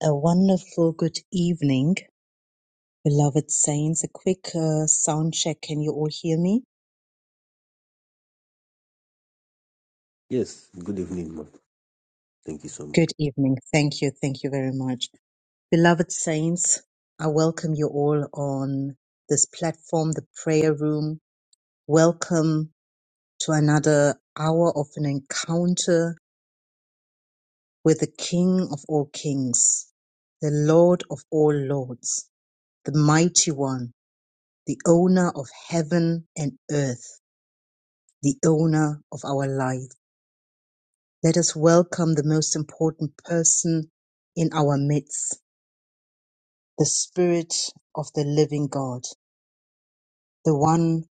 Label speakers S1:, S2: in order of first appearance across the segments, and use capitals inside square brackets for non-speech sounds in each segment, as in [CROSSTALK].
S1: A wonderful good evening, beloved saints. A quick uh, sound check. Can you all hear me?
S2: Yes, good evening, ma'am. Thank you so much.
S1: Good evening. Thank you. Thank you very much. Beloved saints, I welcome you all on this platform, the prayer room. Welcome to another hour of an encounter with the King of all kings, the Lord of all lords, the mighty one, the owner of heaven and earth, the owner of our lives Let us welcome the most important person in our midst, the Spirit of the living God, the one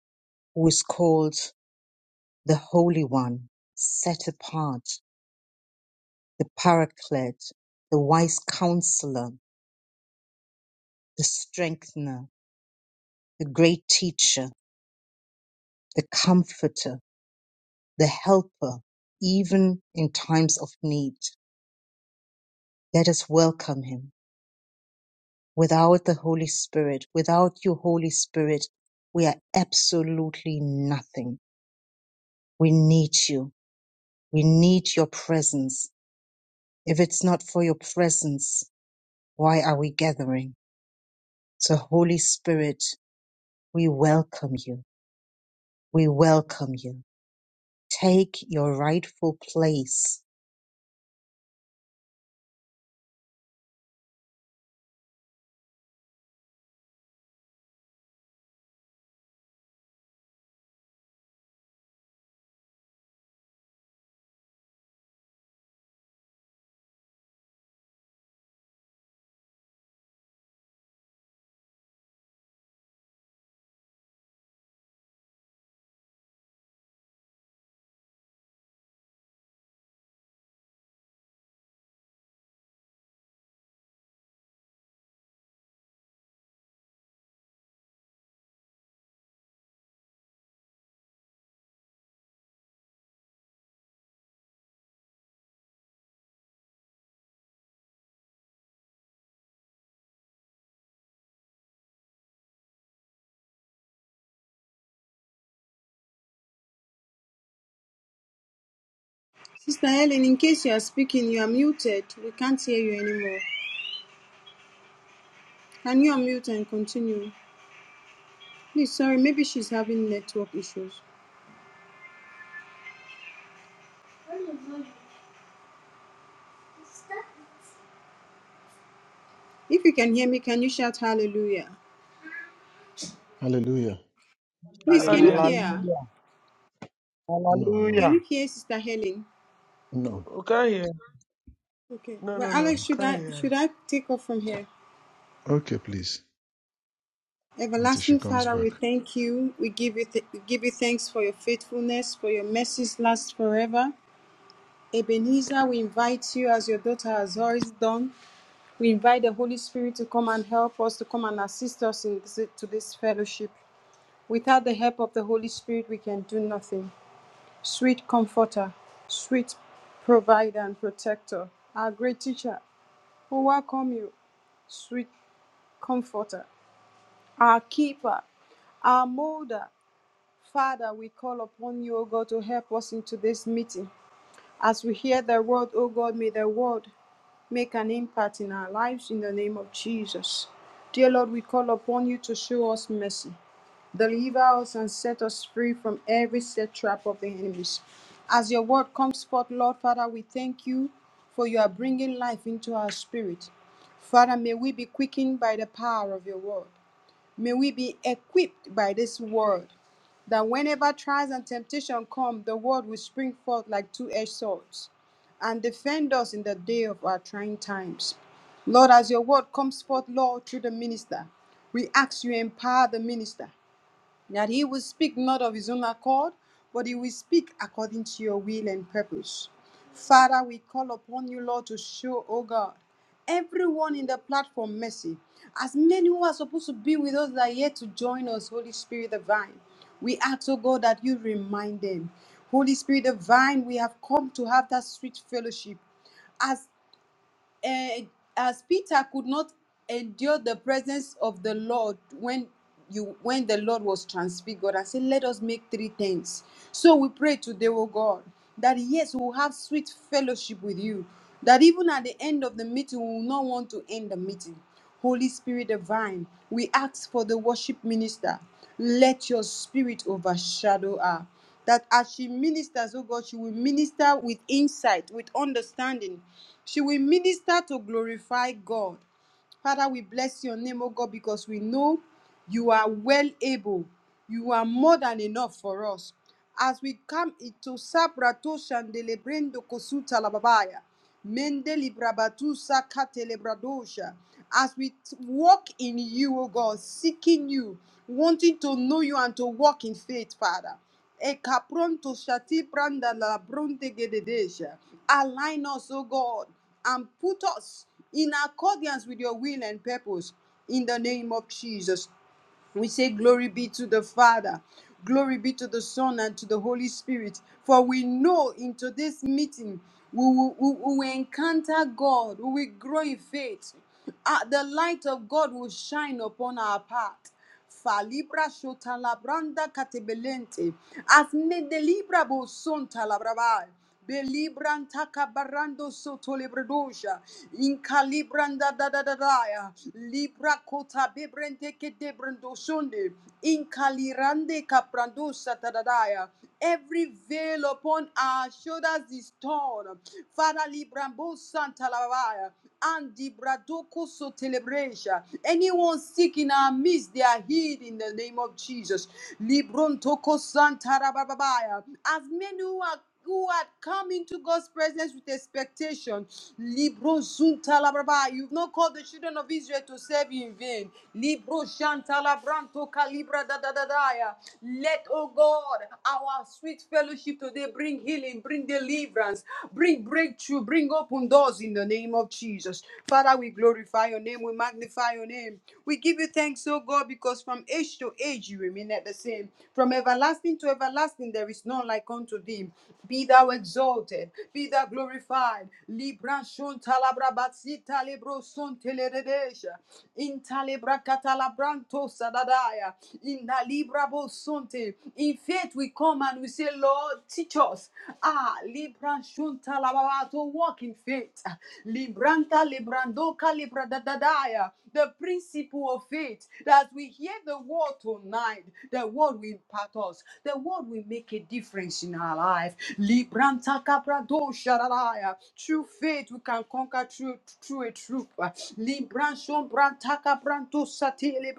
S1: who is called the Holy One, set apart, the Paraclete, the wise counselor, the strengthener, the great teacher, the comforter, the helper, even in times of need. Let us welcome him Without the Holy Spirit, without you, Holy Spirit, we are absolutely nothing. We need you. We need your presence. If it's not for your presence, why are we gathering? So, Holy Spirit, we welcome you. We welcome you. Take your rightful place.
S3: Sister Helen, in case you are speaking, you are muted. We can't hear you anymore. Can you unmute and continue? Please, sorry, maybe she's having network issues. If you can hear me, can you shout hallelujah?
S4: Hallelujah.
S3: Please, can you
S5: Hallelujah.
S6: Hallelujah.
S3: hear? her?
S7: Hallelujah.
S4: No, no,
S3: Can
S7: Hallelujah.
S3: you hear Sister Helen?
S4: no.
S6: We can't hear.
S3: Okay.
S6: No,
S3: Well,
S6: no, no.
S3: Alex,
S4: no.
S6: We
S3: should
S6: can't
S3: I
S6: hear.
S3: should I take off from here?
S4: Okay, please. Until she
S3: Everlasting
S4: comes
S3: Father,
S4: back.
S3: we thank you. We give you th- we give you thanks for your faithfulness, for your mercies last forever. Ebenezer, we invite you as your daughter has always done We invite the Holy Spirit to come and help us, to come and assist us in this, to this fellowship. Without the help of the Holy Spirit, we can do nothing. Sweet Comforter, sweet Provider and Protector, our great teacher, we welcome you, sweet Comforter, our Keeper, our Molder. Father, we call upon you, O God, to help us into this meeting. As we hear the word, O God, may the word make an impact in our lives in the name of Jesus. Dear Lord, we call upon you to show us mercy. Deliver us and set us free from every set trap of the enemies. As your word comes forth, Lord Father, we thank you for you are bringing life into our spirit. Father, may we be quickened by the power of your word. May we be equipped by this word that whenever trials and temptation come, the word will spring forth like two-edged swords and defend us in the day of our trying times. Lord, as your word comes forth, Lord, through the minister, we ask you empower the minister that he will speak not of his own accord, but he will speak according to your will and purpose. Father, we call upon you, Lord, to show, oh God, everyone in the platform mercy. As many who are supposed to be with us that are yet to join us, Holy Spirit divine, we ask, oh God, that you remind them. Holy Spirit divine, we have come to have that sweet fellowship as. And as Peter could not endure the presence of the Lord when you when the Lord was transfigured and said, Let us make three tents." So we pray today, O God, that yes, we will have sweet fellowship with you. That even at the end of the meeting, we will not want to end the meeting. Holy Spirit divine, we ask for the worship minister. Let your spirit overshadow her that as she ministers, oh God, she will minister with insight, with understanding. She will minister to glorify God. Father, we bless your name, oh God, because we know you are well able. You are more than enough for us. As we come into Sabrato Shandelebrendo Kosuta Lababaya, Mendeli Brabatusa Katelebradosha, as we t- walk in you, oh God, seeking you, wanting to know you and to walk in faith, Father. E capronto shati branda la bronte gededeja. Align us, O God, and put us in accordance with your will and purpose. In the name of Jesus. We say, Glory be to the Father, glory be to the Son, and to the Holy Spirit. For we know in today's meeting we will, we will encounter God, we will grow in faith. Ah, the light of God will shine upon our path. Falibra shota labranda katebelente. Hazme de libra bo sonta la brava. Belibran takabarando soto libradosha. Incalibran da da da da da ya. Libra kota bebrente ke debrando sonde. Incalirande caprando satadadaya. Every veil upon our shoulders is torn. Father Librambo Santa Lavaya. Andi bradoko so telebresha. Anyone sick in our midst, they are healed in the name of Jesus. Librontoko santarabababaya. As many who are who had come into God's presence with expectation. Libro zuntalabraba. You've not called the children of Israel to serve you in vain. Libro shantalabranto calibra da da da da. Let, oh God, our sweet fellowship today bring healing, bring deliverance, bring breakthrough, bring open doors in the name of Jesus. Father, we glorify your name, we magnify your name. We give you thanks, oh God, because from age to age you remain at the same. From everlasting to everlasting, there is none like unto thee. Be thou exalted, be thou glorified. Libra shon talabra batsita libro son teleredesha. In talebra katalabranto sadadaya. In the Libra Bosunte. In faith, we come and we say, Lord, teach us. Ah, Libra Shunta Lababa to walk in faith. Libranta Librandoka Libradadadaya. The principle of faith that we hear the word tonight, the word will impact us, the word will make a difference in our life. Libranta Caprado Sharadaya. Through faith, we can conquer through, through a troop. Libranson Brantaka Branto Satile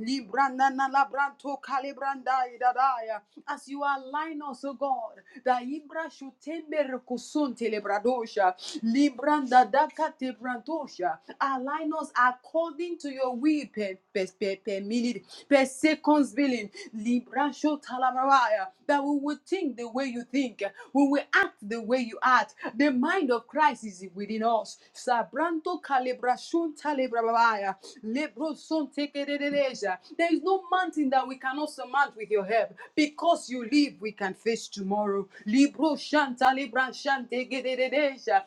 S3: Libranana labranto kalibrandai dadaya. As you align us, O God, that Ibra should tember kusunte lebradosha. Libranda dakate brandosha. Align us according to your will per, per, per, per minute, per seconds billing. Libra should talamaya That we will think the way you think when we act the way you act, the mind of Christ is within us. Sabranto calibra shun talibra babaya. Lebro son calibrasun de de deja. There is no mountain that we cannot surmount with your help. Because you live, we can face tomorrow. Libro shanta libra shante gederereja.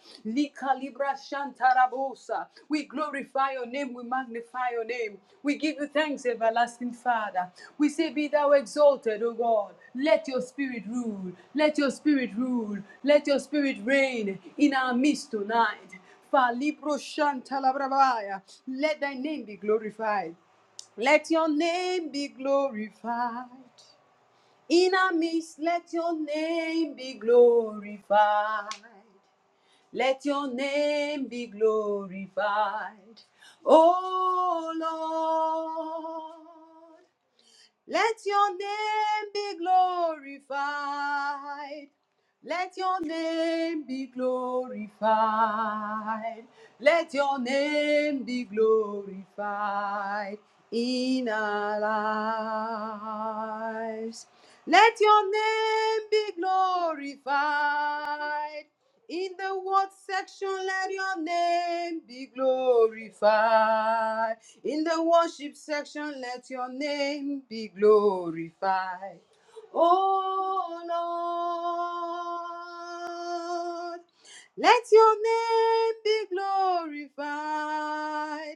S3: Tarabosa. We glorify your name, we magnify your name. We give you thanks, everlasting Father. We say, Be thou exalted, O God. Let your spirit rule. Let your spirit rule. Let your spirit reign in our midst tonight. Falibro shantalabravaya. Let thy name be glorified. Let your name be glorified. In our midst, let your name be glorified. Let your name be glorified, O Lord. Let your name be glorified. Let your name be glorified. Let your name be glorified in our lives. Let your name be glorified. In the word section, let your name be glorified. In the worship section, let your name be glorified. Oh Lord, let your name be glorified.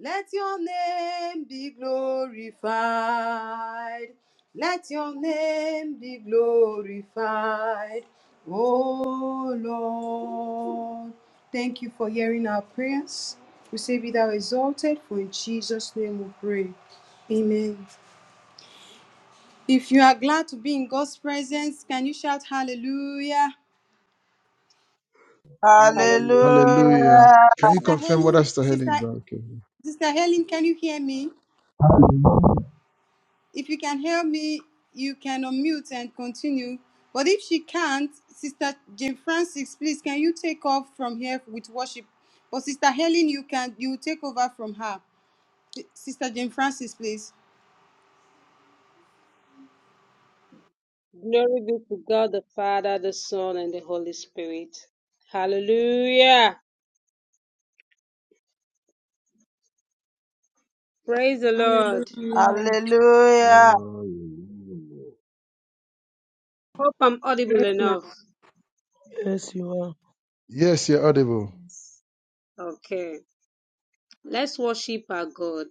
S3: Let your name be glorified. Let your name be glorified. Oh Lord, thank you for hearing our prayers. We say, Be thou exalted, for in Jesus' name we pray. Amen. If you are glad to be in God's presence, can you shout hallelujah?
S5: Hallelujah.
S8: Hallelujah.
S4: Hallelujah.
S9: Hallelujah.
S4: Can you
S3: Sister
S4: confirm what
S3: Helen,
S4: Sister Helen
S3: Sister,
S4: is back? Okay.
S3: Sister Helen, can you hear me? If you can hear me, you can unmute and continue. But if she can't, Sister Jane Francis, please can you take off from here with worship? But Sister Helen, you can you take over from her. Sister Jane Francis, please.
S8: Glory be to God the Father, the Son, and the Holy Spirit. Hallelujah. Praise the Lord.
S9: Hallelujah.
S2: Hallelujah.
S8: Hope I'm audible enough.
S6: Yes, you are.
S4: Yes, you're audible.
S8: Okay. Let's worship our God.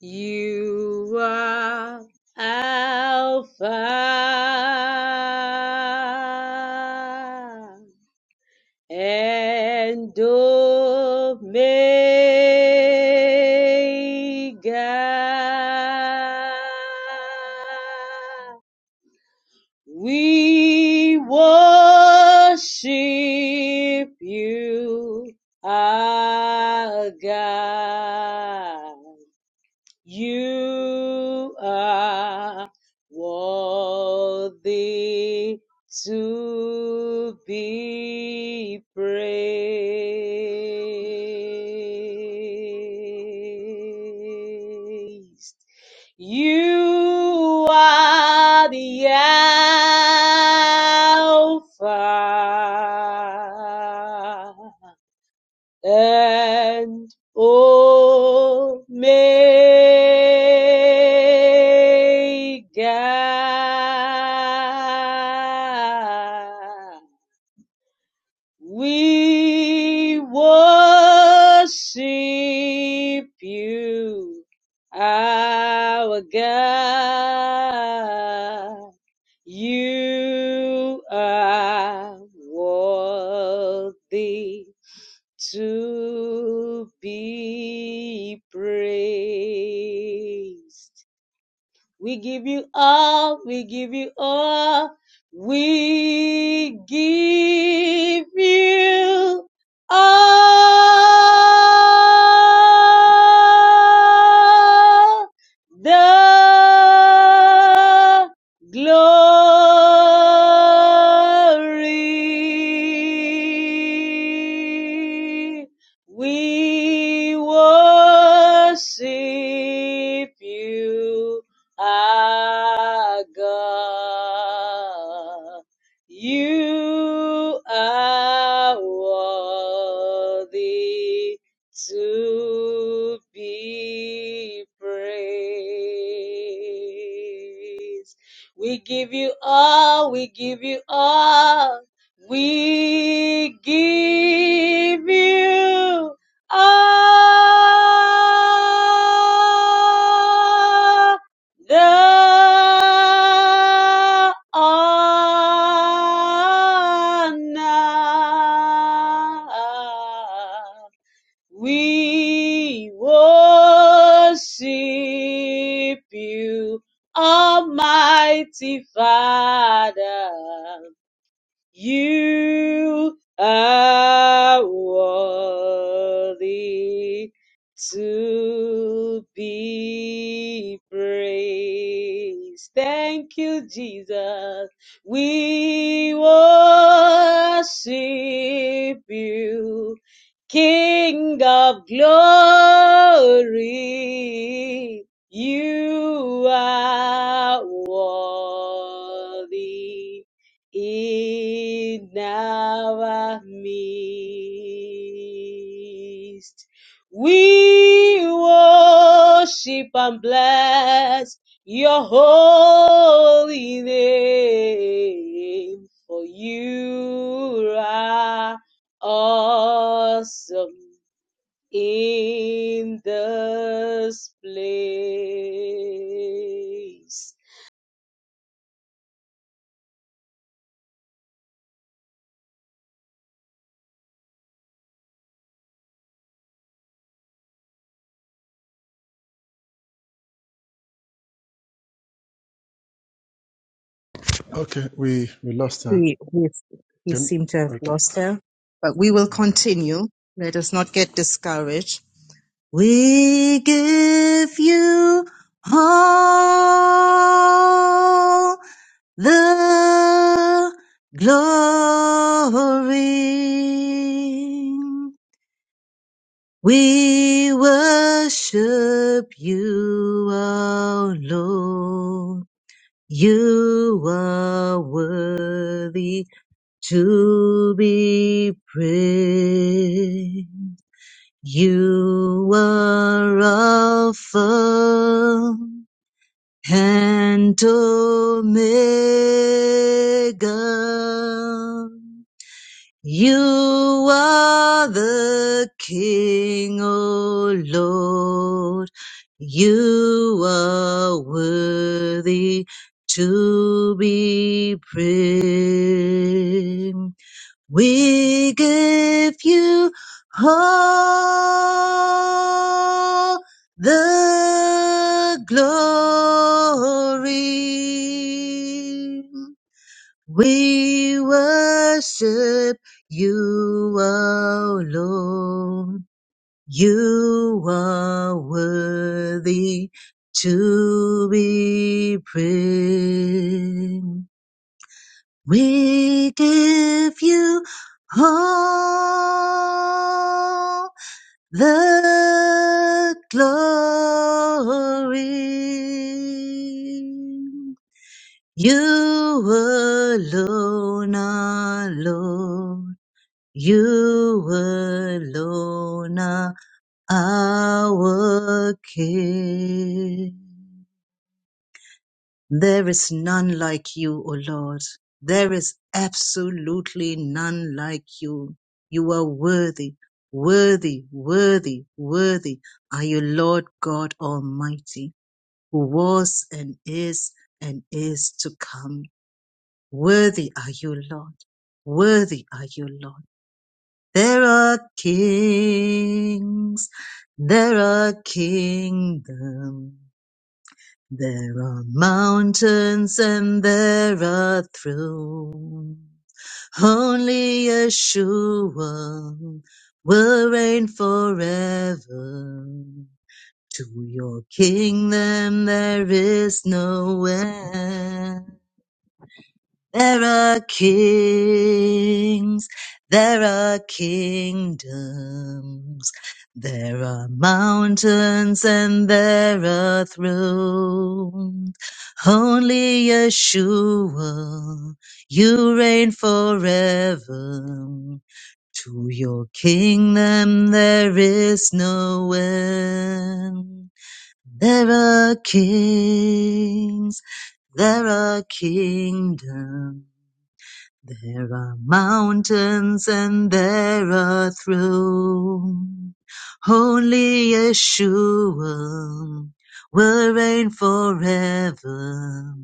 S8: You are Alpha and Omega. We worship you, our God. You are worthy to be praised. You are the Alpha and Omega. We worship you, our God. You are worthy to be praised. We give you all. We give you all. We give you all the glory. We worship you our God. You are worthy to be praised. We give you all, we give you all, we give you all the honor. We worship you, Almighty Father. You are worthy to be praised. Thank you, Jesus. We worship you, King of glory. You are worthy in our midst. We worship and bless your holy name, for you are awesome in this place.
S4: Okay, we we lost her.
S1: He, we, we
S4: Can
S1: seem to have
S4: okay.
S1: lost
S4: okay.
S1: her, but we will
S4: All right.
S1: continue. Let us not get discouraged. We give you all the glory. We worship you, O Lord. You are worthy to be praised. You are Alpha and Omega. You are the King, O Lord. You are worthy to be praised. We give you all the glory. We worship you O Lord. You are worthy to be praised. We give you all the glory. You alone are Lord. You alone are our King. There is none like you, O Lord. There is absolutely none like you. You are worthy, worthy, worthy, worthy are you, Lord God Almighty, who was and is and is to come. Worthy are you, Lord. Worthy are you, Lord. There are kings. There are kingdoms. There are mountains and there are thrones. Only Yeshua will reign forever. To your kingdom there is no end. There are kings, there are kingdoms, there are mountains and there are thrones. Only Yeshua, you reign forever. To your kingdom there is no end. There are kings, there are kingdoms. There are mountains and there are thrones. Only Yeshua will reign forever.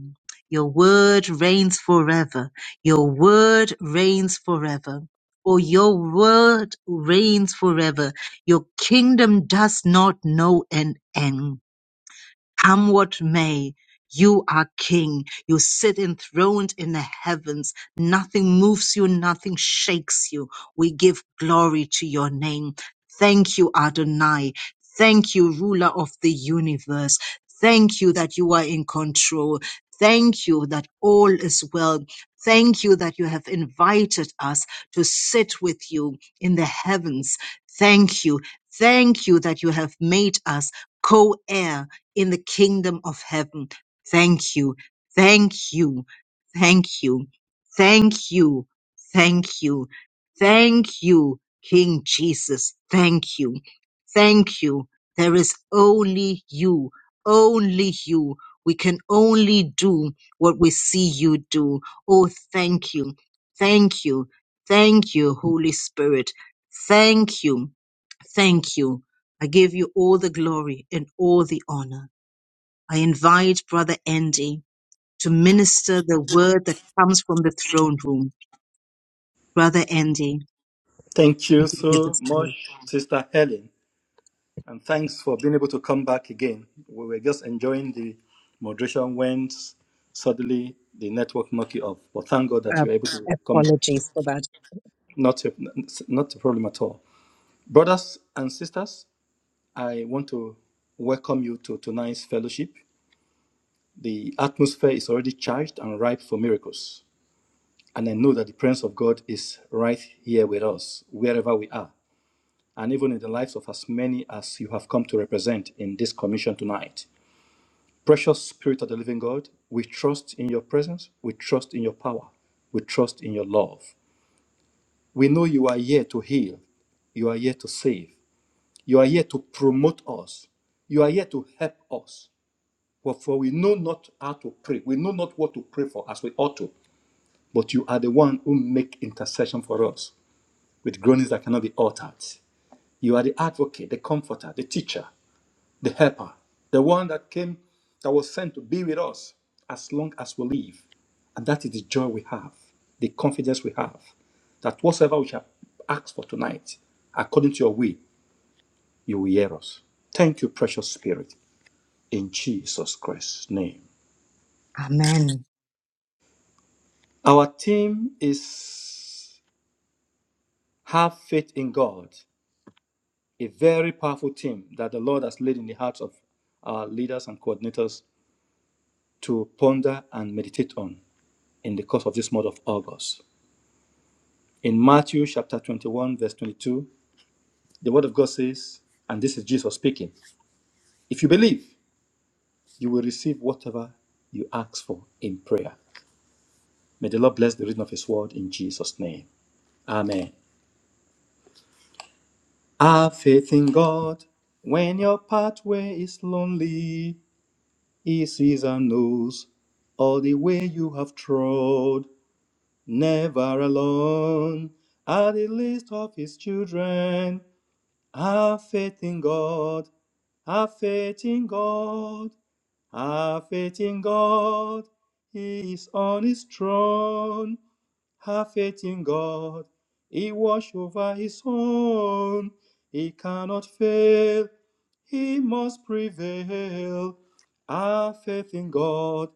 S1: Your word reigns forever. Your word reigns forever. Oh, your word reigns forever. Your kingdom does not know an end. Come what may, you are king. You sit enthroned in the heavens. Nothing moves you, nothing shakes you. We give glory to your name. Thank you, Adonai. Thank you, ruler of the universe. Thank you that you are in control. Thank you that all is well. Thank you that you have invited us to sit with you in the heavens. Thank you. Thank you that you have made us co-heir in the kingdom of heaven. Thank you. Thank you. Thank you. Thank you. Thank you. Thank you, King Jesus. Thank you. Thank you. There is only you. Only you. We can only do what we see you do. Oh, thank you. Thank you. Thank you, Holy Spirit. Thank you. Thank you. I give you all the glory and all the honor. I invite Brother Andy to minister the word that comes from the throne room. Brother Andy,
S10: Thank
S1: I
S10: you
S1: give you the
S10: so
S1: space.
S10: much, Sister Helen, and thanks for being able to come back again. We were just enjoying the moderation when suddenly the network knocked you off. But thank God that
S1: Uh,
S10: you were able to come back.
S1: apologies for that.
S10: Not a, not a problem at all. Brothers and sisters, I want to welcome you to tonight's fellowship. The atmosphere is already charged and ripe for miracles. And I know that the presence of God is right here with us, wherever we are. and even in the lives of as many as you have come to represent in this commission tonight. Precious Spirit of the living God, we trust in your presence, we trust in your power, we trust in your love. We know you are here to heal, you are here to save, you are here to promote us, you are here to help us. But for we know not how to pray, we know not what to pray for as we ought to, but you are the one who make intercession for us with groanings that cannot be uttered. You are the advocate, the comforter, the teacher. the helper, the one that came, that was sent to be with us as long as we live. And that is the joy we have, the confidence we have, that whatsoever we shall ask for tonight, according to your will, you will hear us. Thank you, precious Spirit, in Jesus Christ's name.
S1: Amen.
S10: Our theme is Have Faith in God, a very powerful theme that the Lord has laid in the hearts of our leaders and coordinators to ponder and meditate on. in the course of this month of August. In Matthew chapter 21, verse 22, the word of God says, and this is Jesus speaking, if you believe, you will receive whatever you ask for in prayer. May the Lord bless the reading of his word in Jesus' name. Amen. Have faith in God. When your pathway is lonely, he sees and knows all the way you have trod, never alone. At the least of his children, Have faith in God. Have faith in God. Have faith in God. He is on his throne. Have faith in God. He watch over his own. He cannot fail. He must prevail. Have faith in God.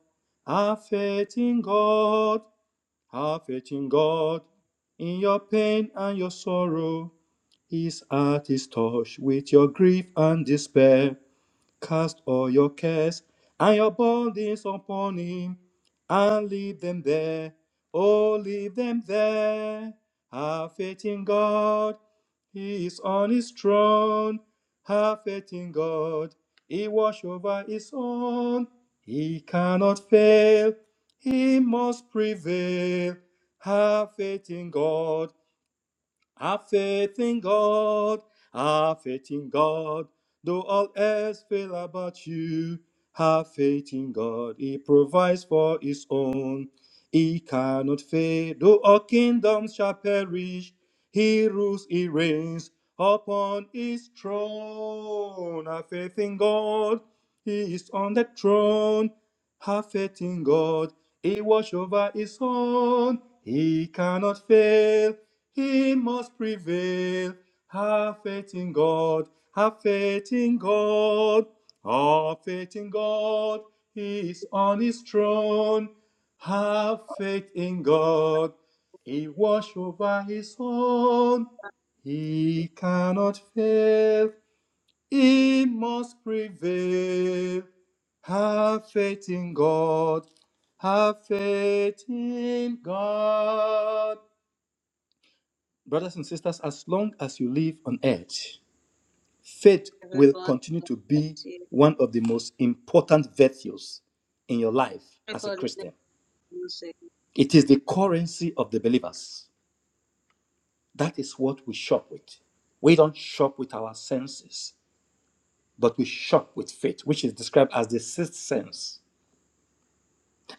S10: Have faith in God. Have faith in God in your pain and your sorrow. His heart is touched with your grief and despair. Cast all your cares and your burdens upon him, and leave them there. Oh, leave them there. Have faith in God. He is on his throne. Have faith in God. He watch over his own. He cannot fail. He must prevail. Have faith in God. Have faith in God, have faith in God, though all else fail about you. Have faith in God, He provides for His own. He cannot fail, though all kingdoms shall perish. He rules, He reigns upon His throne. Have faith in God, He is on the throne. Have faith in God, He watches over His own. He cannot fail. He must prevail. Have faith in God. Have faith in God. Have faith in God. He is on his throne. Have faith in God. He wash over his own. He cannot fail. He must prevail. Have faith in God. Have faith in God brothers and sisters, as long as you live on earth, faith will
S8: Everybody,
S10: continue to be one of the most important virtues in your life as a
S8: for the next
S10: Christian.
S8: music.
S10: It is the currency of the believers. That is what we shop with. We don't shop with our senses, but we shop with faith, which is described as the sixth sense.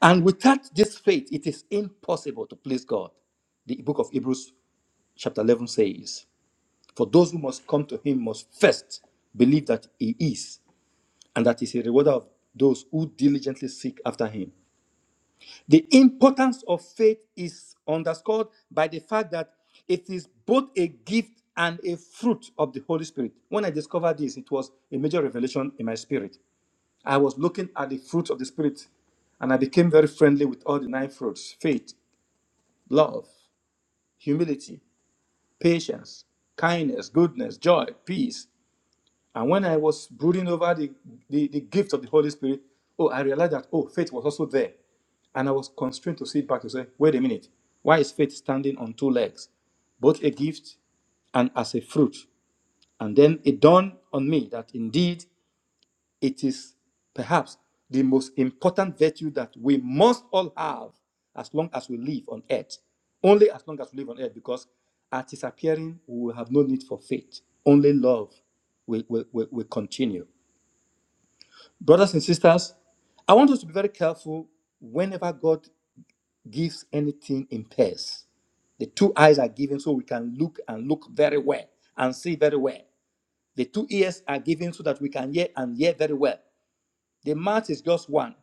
S10: And without this faith, it is impossible to please God. The book of Hebrews, chapter 11, says, For those who must come to him must first believe that he is and that is a rewarder of those who diligently seek after him. The importance of faith is underscored by the fact that it is both a gift and a fruit of the Holy Spirit. When I discovered this, it was a major revelation in my spirit. I was looking at the fruits of the Spirit and I became very friendly with all the nine fruits faith, love, humility, patience, kindness, goodness, joy, peace. And when I was brooding over the, the, the gift of the Holy Spirit, oh, I realized that, oh, faith was also there. And I was constrained to sit back and say, wait a minute, why is faith standing on two legs, both a gift and as a fruit? And then it dawned on me that indeed it is perhaps the most important virtue that we must all have as long as we live on earth. Only as long as we live on earth, because at his appearing, we will have no need for faith. Only love will, will, will, will continue. Brothers and sisters, I want us to be very careful whenever God gives anything in pairs. The two eyes are given so we can look and look very well and see very well. The two ears are given so that we can hear and hear very well. The mouth is just one.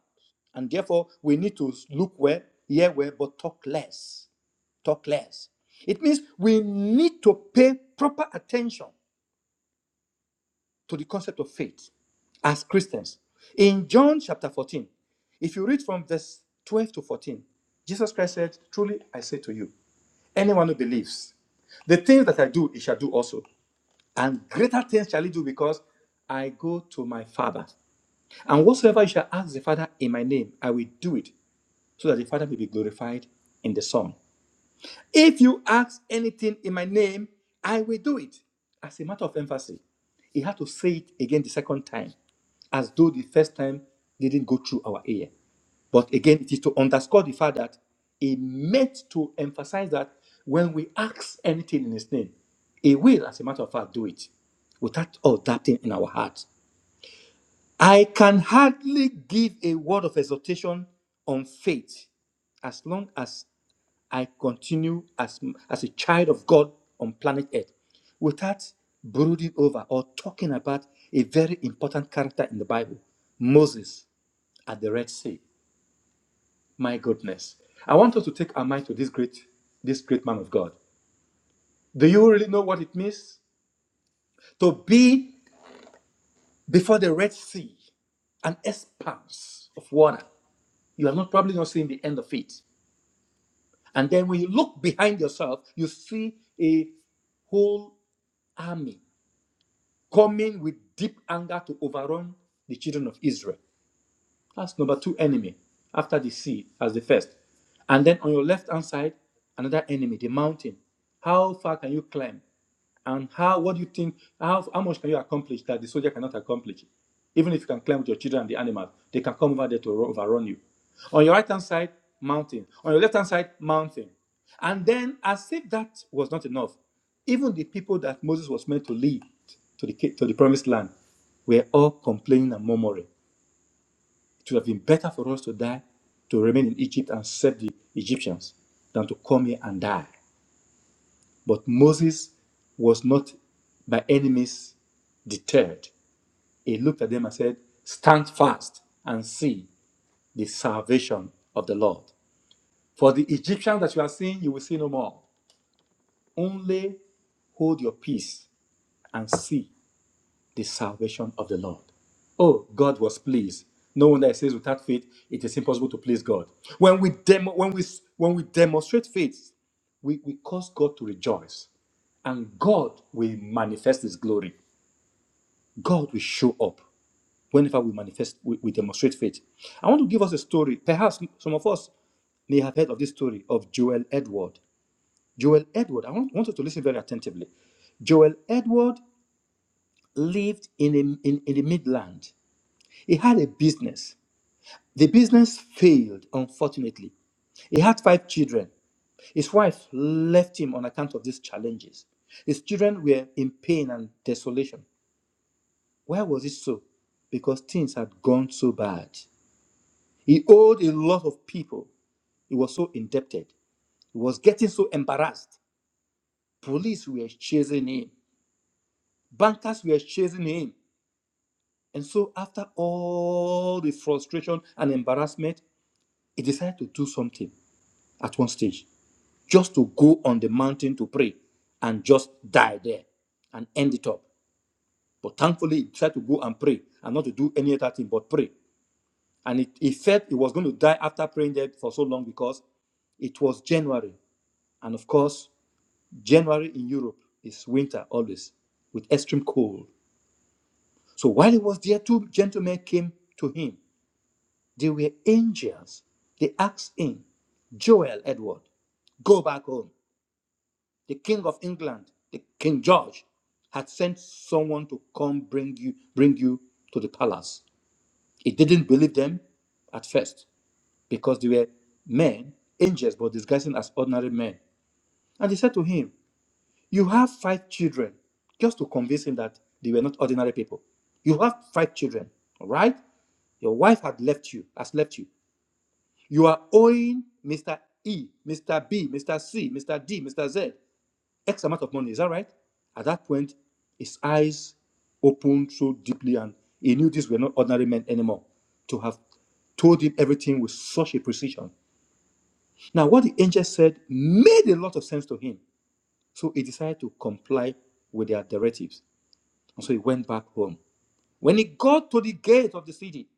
S10: And therefore, we need to look well, hear well, but talk less. Talk less. It means we need to pay proper attention to the concept of faith as Christians. In John chapter 14, if you read from verse 12 to 14, Jesus Christ said, Truly I say to you, anyone who believes, the things that I do, he shall do also. And greater things shall he do because I go to my Father. And whatsoever you shall ask the Father in my name, I will do it so that the Father may be glorified in the Son. If you ask anything in my name, I will do it. As a matter of emphasis, he had to say it again the second time, as though the first time didn't go through our ear. But again, it is to underscore the fact that he meant to emphasize that when we ask anything in his name, he will, as a matter of fact, do it without all that thing in our heart. I can hardly give a word of exhortation on faith as long as I continue as, as a child of God on planet Earth without brooding over or talking about a very important character in the Bible, Moses at the Red Sea. My goodness. I want us to take our mind to this great, this great man of God. Do you really know what it means? To be before the Red Sea, an expanse of water. you are not probably not seeing the end of it. And then when you look behind yourself, you see a whole army coming with deep anger to overrun the children of Israel. That's number two enemy after the sea as the first. And then on your left hand side, another enemy, the mountain. How far can you climb? And how what do you think how, how much can you accomplish that the soldier cannot accomplish? Even if you can climb with your children and the animals, they can come over there to overrun you. On your right hand side, mountain. On your left hand side, mountain. And then, as if that was not enough, even the people that Moses was meant to lead to the, to the promised land were all complaining and murmuring. It would have been better for us to die, to remain in Egypt and serve the Egyptians, than to come here and die. But Moses was not by any means deterred. He looked at them and said, Stand fast and see the salvation of the Lord. For the Egyptians that you are seeing, you will see no more. Only hold your peace and see the salvation of the Lord. Oh, God was pleased. No wonder it says without faith it is impossible to please God. When we demo, when we when we demonstrate faith, we, we cause God to rejoice. And God will manifest his glory. God will show up whenever we manifest, we, we demonstrate faith. I want to give us a story. Perhaps some of us may have heard of this story of Joel Edward. Joel Edward, I want, want you to listen very attentively. Joel Edward lived in, a, in, in the Midland. He had a business. The business failed, unfortunately. He had five children. His wife left him on account of these challenges. His children were in pain and desolation. Why was it so? Because things had gone so bad. He owed a lot of people. He was so indebted. He was getting so embarrassed. Police were chasing him, bankers were chasing him. And so, after all the frustration and embarrassment, he decided to do something at one stage just to go on the mountain to pray and just die there and end it up. But thankfully, he tried to go and pray and not to do any other thing but pray. And it, he felt he was going to die after praying there for so long because it was January. And of course, January in Europe is winter always with extreme cold. So while he was there, two gentlemen came to him. They were angels. They asked him, Joel Edward, go back home the king of England, the King George, had sent someone to come bring you bring you to the palace. He didn't believe them at first because they were men, angels, but disguising as ordinary men. And they said to him, "You have five children," just to convince him that they were not ordinary people. You have five children, all right? Your wife had left you, has left you. You are owing Mr. E, Mr. B, Mr. C, Mr. D, Mr. Z. X amount of money. Is that right? At that point, his eyes opened so deeply, and he knew these were not ordinary men anymore. To have told him everything with such a precision. Now, what the angel said made a lot of sense to him. So he decided to comply with their directives. And so he went back home. When he got to the gate of the city,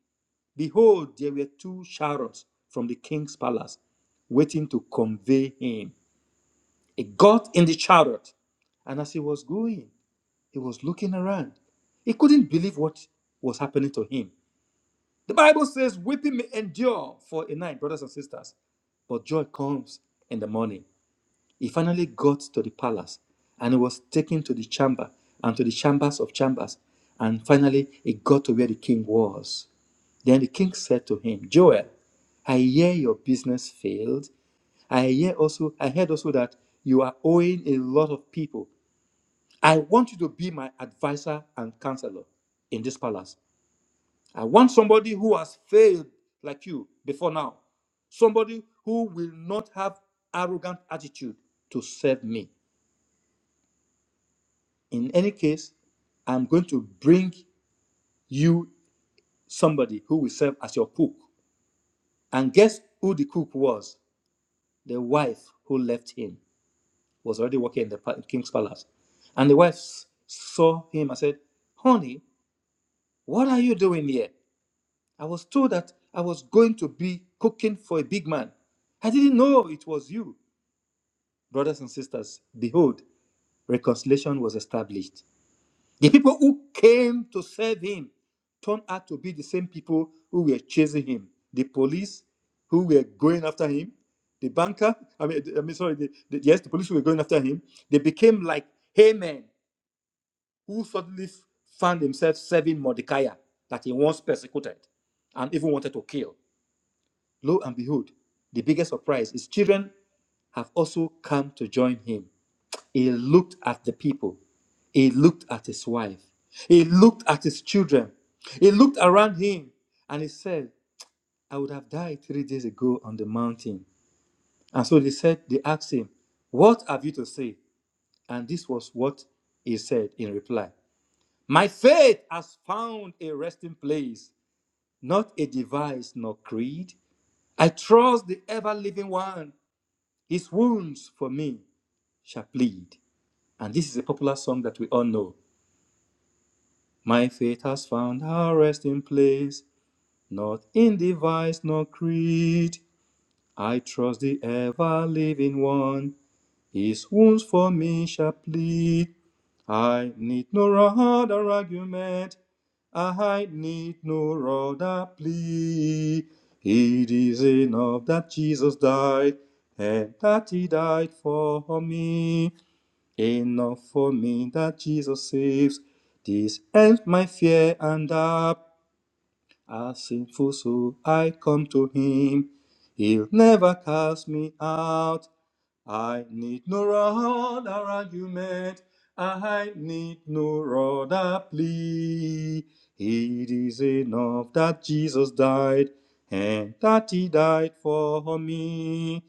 S10: behold, there were two chariots from the king's palace waiting to convey him. He got in the chariot, and as he was going, He was looking around. He couldn't believe what was happening to him. The Bible says, Weeping may endure for a night, brothers and sisters, but joy comes in the morning. He finally got to the palace and he was taken to the chamber and to the chambers of chambers. And finally, he got to where the king was. Then the king said to him, Joel, I hear your business failed. I hear also, I heard also that you are owing a lot of people. I want you to be my advisor and counselor in this palace. I want somebody who has failed like you before now, somebody who will not have arrogant attitude to serve me. In any case, I'm going to bring you somebody who will serve as your cook. And guess who the cook was? The wife who left him was already working in the pa- king's palace. And the wife s- saw him and said, Honey, what are you doing here? I was told that I was going to be cooking for a big man. I didn't know it was you. Brothers and sisters, behold, reconciliation was established. The people who came to serve him turned out to be the same people who were chasing him. The police who were going after him, the banker, I mean, I mean sorry, the, the, yes, the police who were going after him, they became like Haman, who suddenly found himself serving Mordecai that he once persecuted and even wanted to kill. Lo and behold, the biggest surprise is children have also come to join him. He looked at the people. He looked at his wife. He looked at his children. He looked around him and he said, I would have died three days ago on the mountain. And so they said, they asked him, What have you to say? And this was what he said in reply My faith has found a resting place, not a device nor creed. I trust the ever living one His wounds for me shall bleed. And this is a popular song that we all know. My faith has found her resting place, not in device nor creed. I trust the ever living one. His wounds for me shall plead. I need no other argument. I need no other plea. It is enough that Jesus died and that he died for me. Enough for me that Jesus saves. This ends my fear and doubt. A sinful soul, I come to Him. He'll never cast me out. I need no other argument. I need no other plea. It is enough that Jesus died and that He died for me.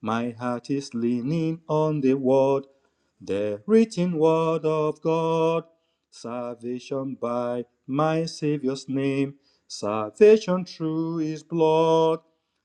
S10: My heart is leaning on the word, the written word of God. Salvation by my Savior's name, salvation through his blood.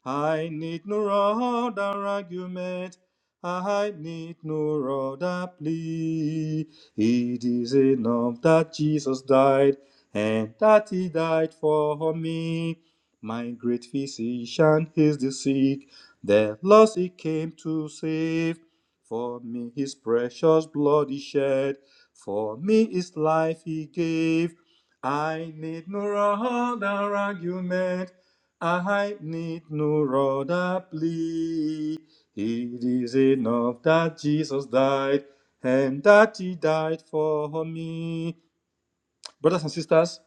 S10: I need no other argument, I need no other plea. It is enough that Jesus died and that he died for me. My great physician is the sick. The lost he came to save. For me his precious blood he shed. For me his life he gave. I need no other argument. I need no other plea. It is enough that Jesus died and that he died for me. Brothers and sisters,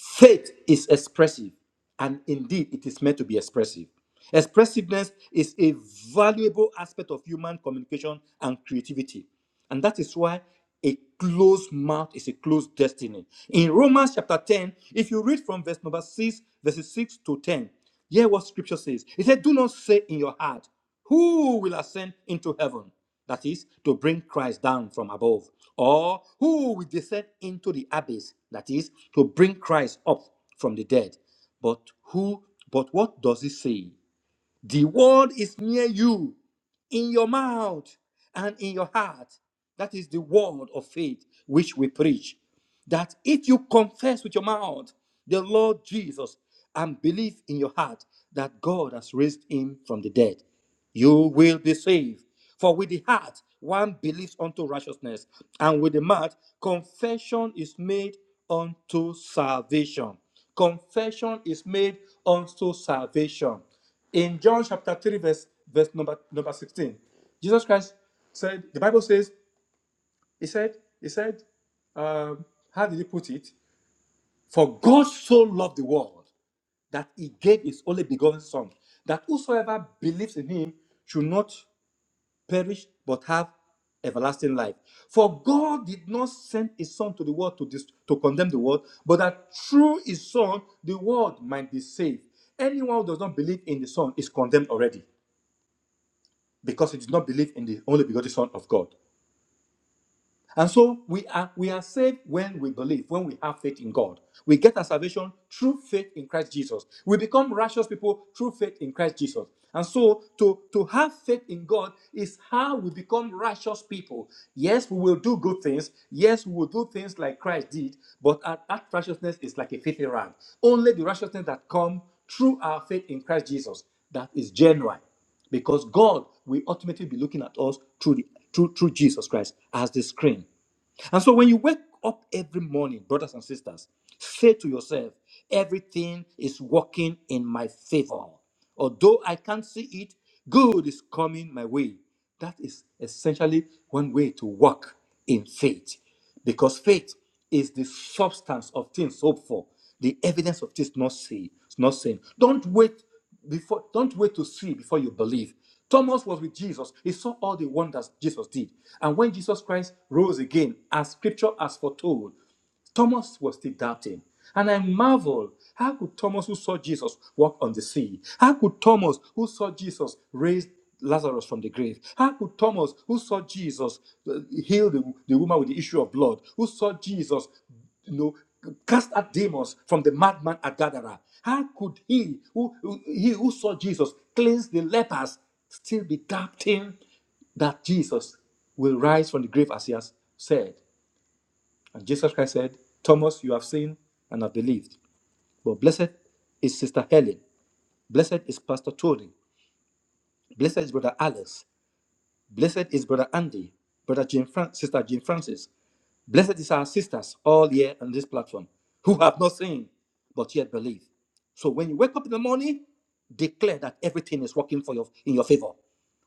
S10: Faith is expressive, and indeed it is meant to be expressive. Expressiveness is a valuable aspect of human communication and creativity. And that is why a closed mouth is a closed destiny. In Romans chapter 10, if you read from verse number 6, verses 6 to 10, hear what scripture says. It said, Do not say in your heart, Who will ascend into heaven? That is, to bring Christ down from above. Or who will descend into the abyss? That is, to bring Christ up from the dead. But who, but what does it say? The word is near you, in your mouth and in your heart. That is the word of faith which we preach that if you confess with your mouth the Lord Jesus and believe in your heart that God has raised him from the dead, you will be saved. For with the heart one believes unto righteousness, and with the mouth confession is made unto salvation. Confession is made unto salvation. In John chapter 3, verse, verse number, number 16, Jesus Christ said, the Bible says, he said, he said, um, how did he put it? For God so loved the world that he gave his only begotten son, that whosoever believes in him should not perish but have everlasting life. For God did not send his son to the world to, dis- to condemn the world, but that through his son the world might be saved. Anyone who does not believe in the son is condemned already because he did not believe in the only begotten son of God. And so we are we are saved when we believe, when we have faith in God. We get our salvation through faith in Christ Jesus. We become righteous people through faith in Christ Jesus. And so to, to have faith in God is how we become righteous people. Yes, we will do good things. Yes, we will do things like Christ did, but our- that righteousness is like a filthy rag. Only the righteousness that comes through our faith in Christ Jesus that is genuine because God will ultimately be looking at us through the through, through Jesus Christ as the screen. And so when you wake up every morning, brothers and sisters, say to yourself, everything is working in my favor. Although I can't see it, good is coming my way. That is essentially one way to walk in faith. Because faith is the substance of things hoped for, the evidence of things not seen. Not seen. Don't wait before. Don't wait to see before you believe. Thomas was with Jesus. He saw all the wonders Jesus did, and when Jesus Christ rose again, as Scripture has foretold, Thomas was still doubting. And I marvel, how could Thomas, who saw Jesus walk on the sea, how could Thomas, who saw Jesus raise Lazarus from the grave, how could Thomas, who saw Jesus uh, heal the, the woman with the issue of blood, who saw Jesus, you know, cast out demons from the madman at Gadara, how could he, who, who- he who saw Jesus cleanse the lepers, still be doubting that Jesus will rise from the grave as he has said? And Jesus Christ said, Thomas, you have seen and have believed. But blessed is Sister Helen. Blessed is Pastor Tony. Blessed is Brother Alice. Blessed is Brother Andy. Brother Jim Fran- Sister Jim Francis. Blessed is our sisters all here on this platform who have not seen but yet believe. So when you wake up in the morning, declare that everything is working for your in your favor.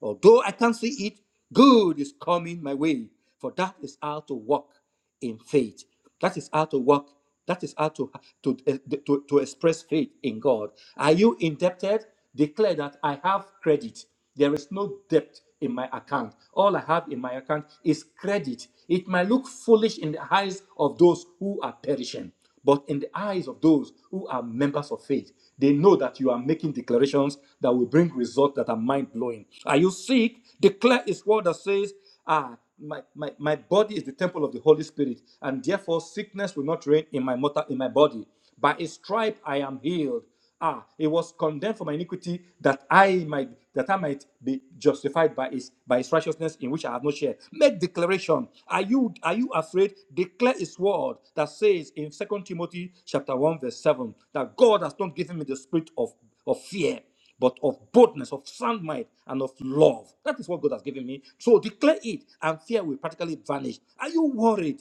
S10: Although I can't see it, good is coming my way. For that is how to walk in faith. That is how to walk. That is how to, to, eh, to, to express faith in God. Are you indebted? Declare that I have credit. There is no debt in my account. All I have in my account is credit. It might look foolish in the eyes of those who are perishing. But in the eyes of those who are members of faith, they know that you are making declarations that will bring results that are mind blowing. Are you sick? Declare His word that says, Ah, my, my, my body is the temple of the Holy Spirit, and therefore sickness will not reign in my mortal in my body. By his stripe I am healed. Ah, it was condemned for my iniquity that I might that I might be justified by his by his righteousness in which I have no share. Make declaration. Are you are you afraid? Declare his word that says in Second Timothy chapter 1, verse 7, that God has not given me the spirit of, of fear, but of boldness, of sound mind, and of love. That is what God has given me. So declare it, and fear will practically vanish. Are you worried?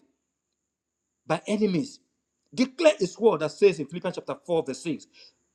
S10: by enemies. Declare his word that says in Philippians chapter 4, verse 6,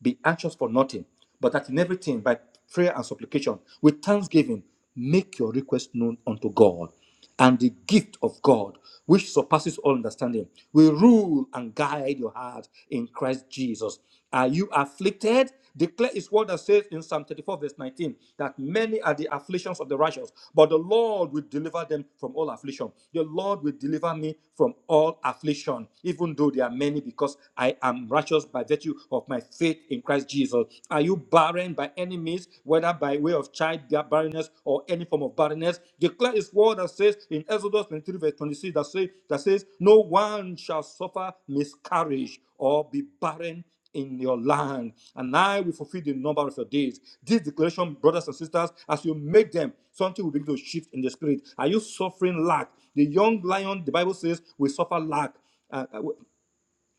S10: be anxious for nothing, but that in everything by prayer and supplication, with thanksgiving, make your request known unto God. And the gift of God, which surpasses all understanding, will rule and guide your heart in Christ Jesus. Are you afflicted? Declare his word that says in Psalm 34, verse 19, that many are the afflictions of the righteous, but the Lord will deliver them from all affliction. The Lord will deliver me from all affliction, even though there are many, because I am righteous by virtue of my faith in Christ Jesus. Are you barren by any means, whether by way of child barrenness or any form of barrenness? Declare his word that says in Exodus 23, verse 26, that says, that says, No one shall suffer miscarriage or be barren in your land, and I will fulfill the number of your days. This declaration, brothers and sisters, as you make them, something will begin to shift in the spirit. Are you suffering lack? The young lion, the Bible says, will suffer lack. Uh, uh,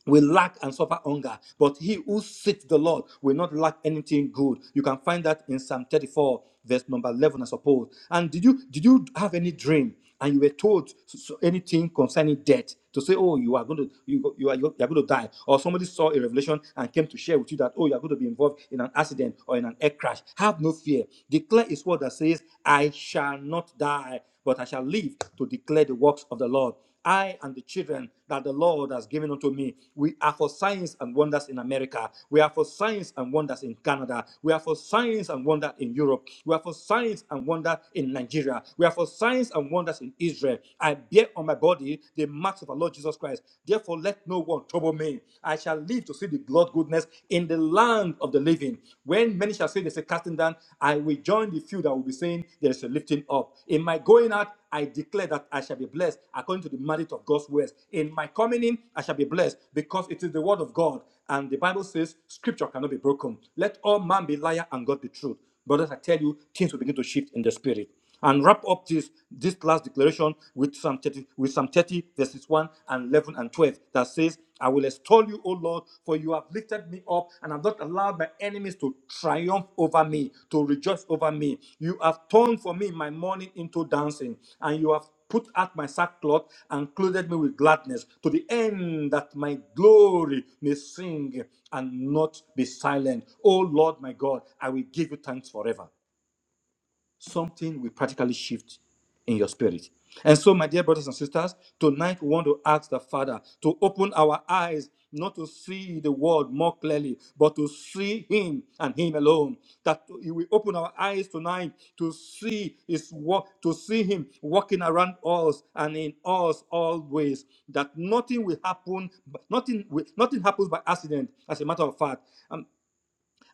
S10: will lack and suffer hunger, but he who seeks the Lord will not lack anything good. You can find that in Psalm 34, verse number 11, I suppose. And did you did you have any dream and you were told so- so anything concerning death to say, oh, you are going to you, go- you are you are going to die, or somebody saw a revelation and came to share with you that oh, you are going to be involved in an accident or in an air crash? Have no fear. Declare His word that says, I shall not die, but I shall live to declare the works of the Lord. I and the children that the Lord has given unto me. We are for signs and wonders in America. We are for signs and wonders in Canada. We are for signs and wonders in Europe. We are for signs and wonders in Nigeria. We are for signs and wonders in Israel. I bear on my body the marks of our Lord Jesus Christ. Therefore, let no one trouble me. I shall live to see the Lord goodness in the land of the living. When many shall say there's a casting down, I will join the few that will be saying there's a lifting up. In my going out, I declare that I shall be blessed according to the merit of God's words. In my coming in, I shall be blessed because it is the word of God. And the Bible says, Scripture cannot be broken. Let all man be liar and God be truth. Brothers, I tell you, things will begin to shift in the spirit. And wrap up this this last declaration with Psalm 30, with Psalm 30, verses 1 and 11 and 12 that says, I will extol you call you, O Lord, for you have lifted me up and have not allowed my enemies to triumph over me, to rejoice over me. You have turned for me my mourning into dancing, and you have put out my sackcloth and clothed me with gladness to the end that my glory may sing and not be silent. O Lord my God, I will give you thanks forever something will practically shift in your spirit. And so, my dear brothers and sisters, tonight we want to ask the Father to open our eyes not to see the world more clearly, but to see Him and Him alone. That He will open our eyes tonight to see His work, to see Him walking around us and in us always. That nothing will happen, nothing will, nothing happens by accident. As a matter of fact, Um,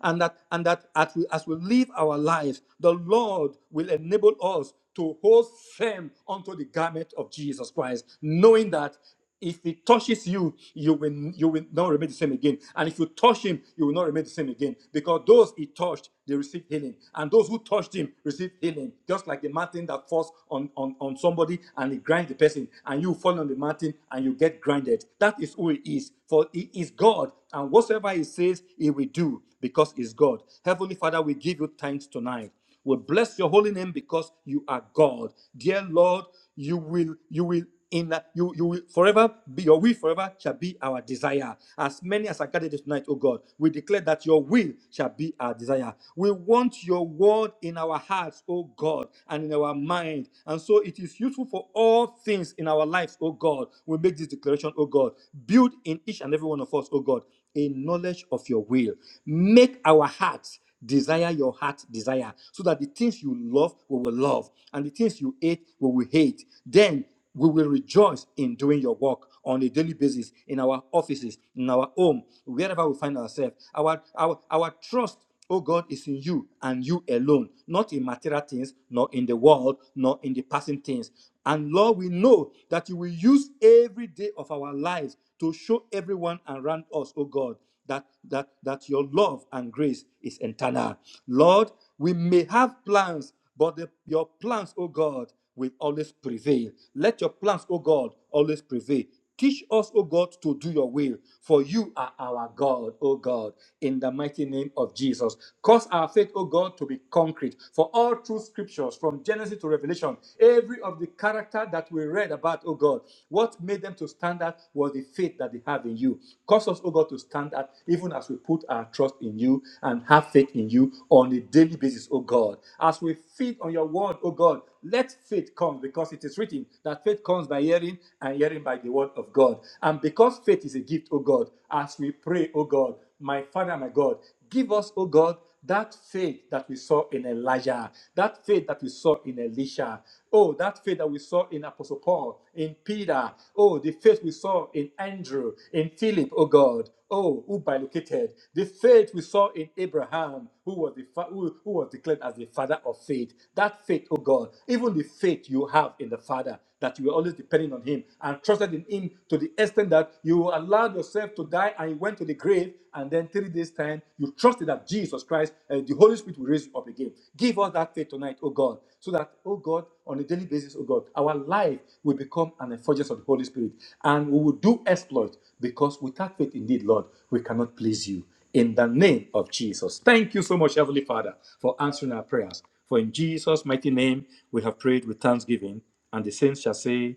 S10: and that and that as we, as we live our lives the lord will enable us to hold firm onto the garment of jesus christ knowing that if he touches you you will you will not remain the same again and if you touch him you will not remain the same again because those he touched they received healing and those who touched him received healing just like the mountain that falls on on, on somebody and it grinds the person and you fall on the mountain and you get grinded that is who he is for he is is God, and whatsoever He says, He will do because He's God. Heavenly Father, we give you thanks tonight. We bless your holy name because you are God. Dear Lord, you will, you will. In you, you will forever be your will forever shall be our desire. As many as are gathered tonight, oh God, we declare that your will shall be our desire. We want your word in our hearts, oh God, and in our mind. And so it is useful for all things in our lives, oh God we make this declaration, O God. Build in each and every one of us, O God, a knowledge of your will. Make our hearts desire your heart desire so that the things you love we will love and the things you hate we will hate then we will rejoice in doing your work on a daily basis in our offices in our home wherever we find ourselves our our our trust oh God, is in you and you alone, not in material things, nor in the world, nor in the passing things. And Lord, we know that you will use every day of our lives to show everyone around us, oh God, that that that your love and grace is eternal. Lord, we may have plans, but the- your plans, oh God, will always prevail. Let your plans, O God, always prevail. Teach us, O God, to do your will, for you are our God, O God, in the mighty name of Jesus. Cause our faith, O God, to be concrete. For all true scriptures, from Genesis to Revelation, every of the character that we read about, O God, what made them to stand out was the faith that they have in you. Cause us, O God, to stand out even as we put our trust in you and have faith in you on a daily basis, oh God. As we feed on your word, oh God, let faith come because it is written that faith comes by hearing and hearing by the word of God. And because faith is a gift, oh God, as we pray, oh God, my Father, my God, give us, oh God, that faith that we saw in Elijah, that faith that we saw in Elisha, oh, that faith that we saw in Apostle Paul, in Peter, oh, the faith we saw in Andrew, in Philip, oh God, oh, who bilocated, the faith we saw in Abraham, who was the fa- who, who was declared as the father of faith, that faith, oh God, even the faith you have in the Father, that you were always depending on Him and trusted in Him to the extent that you allowed yourself to die and went went to the grave, and then three days' time, you trusted that Jesus Christ and the Holy Spirit will raise you up again. Give us that faith tonight, oh God, so that, oh God, on a daily basis, oh God, our life will become an effulgence of the Holy Spirit, and we will do exploit because without faith, indeed, Lord, we cannot please you. In the name of Jesus. Thank you so much, Heavenly Father, for answering our prayers. For in Jesus' mighty name, we have prayed with thanksgiving, and the saints shall say,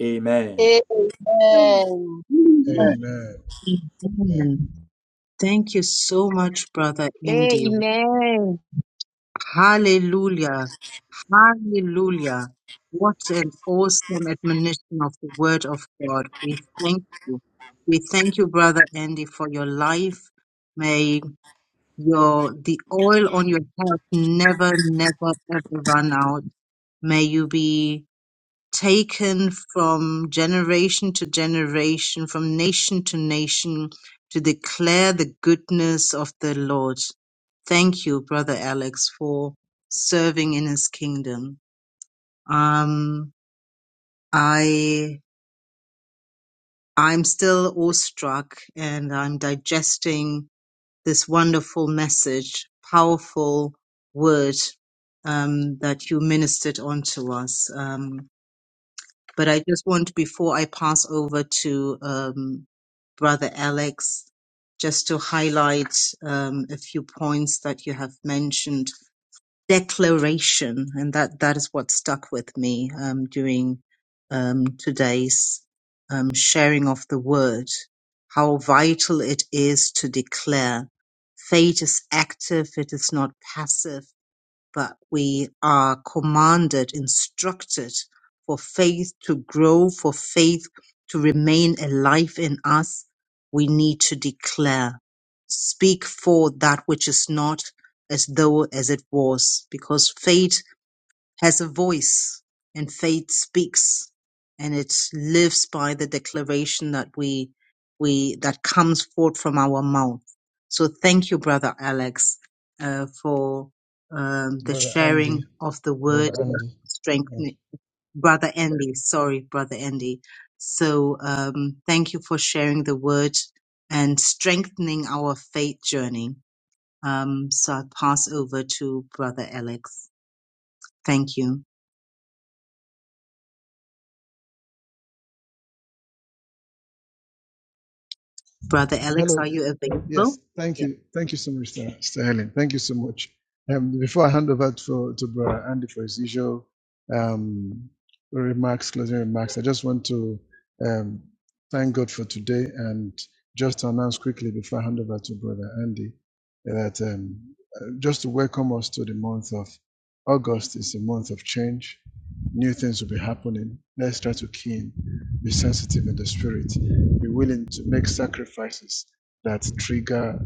S10: Amen.
S11: Amen.
S9: Amen.
S4: Amen. Amen.
S1: Amen. Thank you so much, Brother Andy.
S12: Amen.
S1: Hallelujah. Hallelujah. What an awesome admonition of the word of God. We thank you. We thank you, Brother Andy, for your life. May Your the oil on your head never, never, ever run out. May you be taken from generation to generation, from nation to nation, to declare the goodness of the Lord. Thank you, Brother Alex, for serving in His kingdom. Um, I I'm still awestruck, and I'm digesting this wonderful message, powerful word um, that you ministered on to us. Um, but I just want, before I pass over to um, Brother Alex, just to highlight um, a few points that you have mentioned declaration, and that that is what stuck with me um, during um, today's um, sharing of the word. How vital it is to declare. Faith is active; it is not passive but we are commanded, instructed for faith to grow, for faith to remain alive in us, we need to declare, speak for that which is not as though as it was, because faith has a voice and faith speaks and it lives by the declaration that we we that comes forth from our mouth so thank you brother alex uh, for um, the
S4: Brother
S1: sharing
S4: Andy.
S1: of the
S4: Brother
S1: word
S4: Andy. Thank you.
S1: strengthening brother andy sorry brother andy so um, thank you for sharing the word and strengthening our faith journey um, so i'll pass over to brother alex thank you Brother Alex,
S4: Hello.
S1: are you available?
S4: Yes, thank
S1: Yeah.
S4: you. Thank you so much, Sir, Sir Helen. Thank you so much. Um, before I hand over to, to Brother Andy for his usual um, remarks, closing remarks, I just want to um, thank God for today and just to announce quickly before I hand over to Brother Andy that um, uh, just to welcome us to the month of August is a month of change. New things will be happening. Let's try to keen, be sensitive in the spirit be willing to make sacrifices that trigger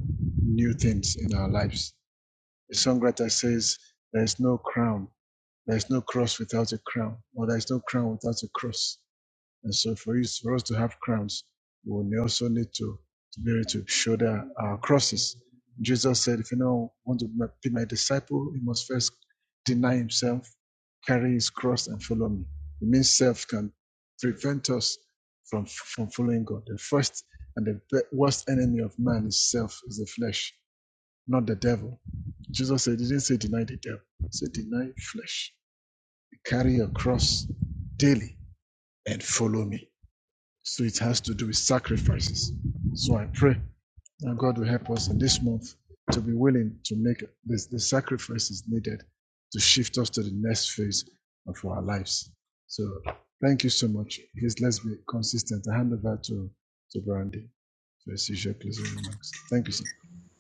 S4: new things in our lives. The songwriter says, There is no crown, there is no cross without a crown, or there is no crown without a cross. And so for us, for us to have crowns, we will also need to, to be able to shoulder our crosses. Jesus said, if anyone want to be my disciple, he must first deny himself, carry his cross and follow me. It means self can prevent us from, from following God. The first and the be- worst enemy of man is self, is the flesh, not the devil. Jesus said, he didn't say deny the devil. He said, deny flesh. Carry your cross daily and follow me. So it has to do with sacrifices. So I pray that God will help us in this month to be willing to make the, the sacrifices needed to shift us to the next phase of our lives. So thank you so much. Please let's be consistent. I hand over to, to Brandy for his usual closing remarks. Thank you, sir.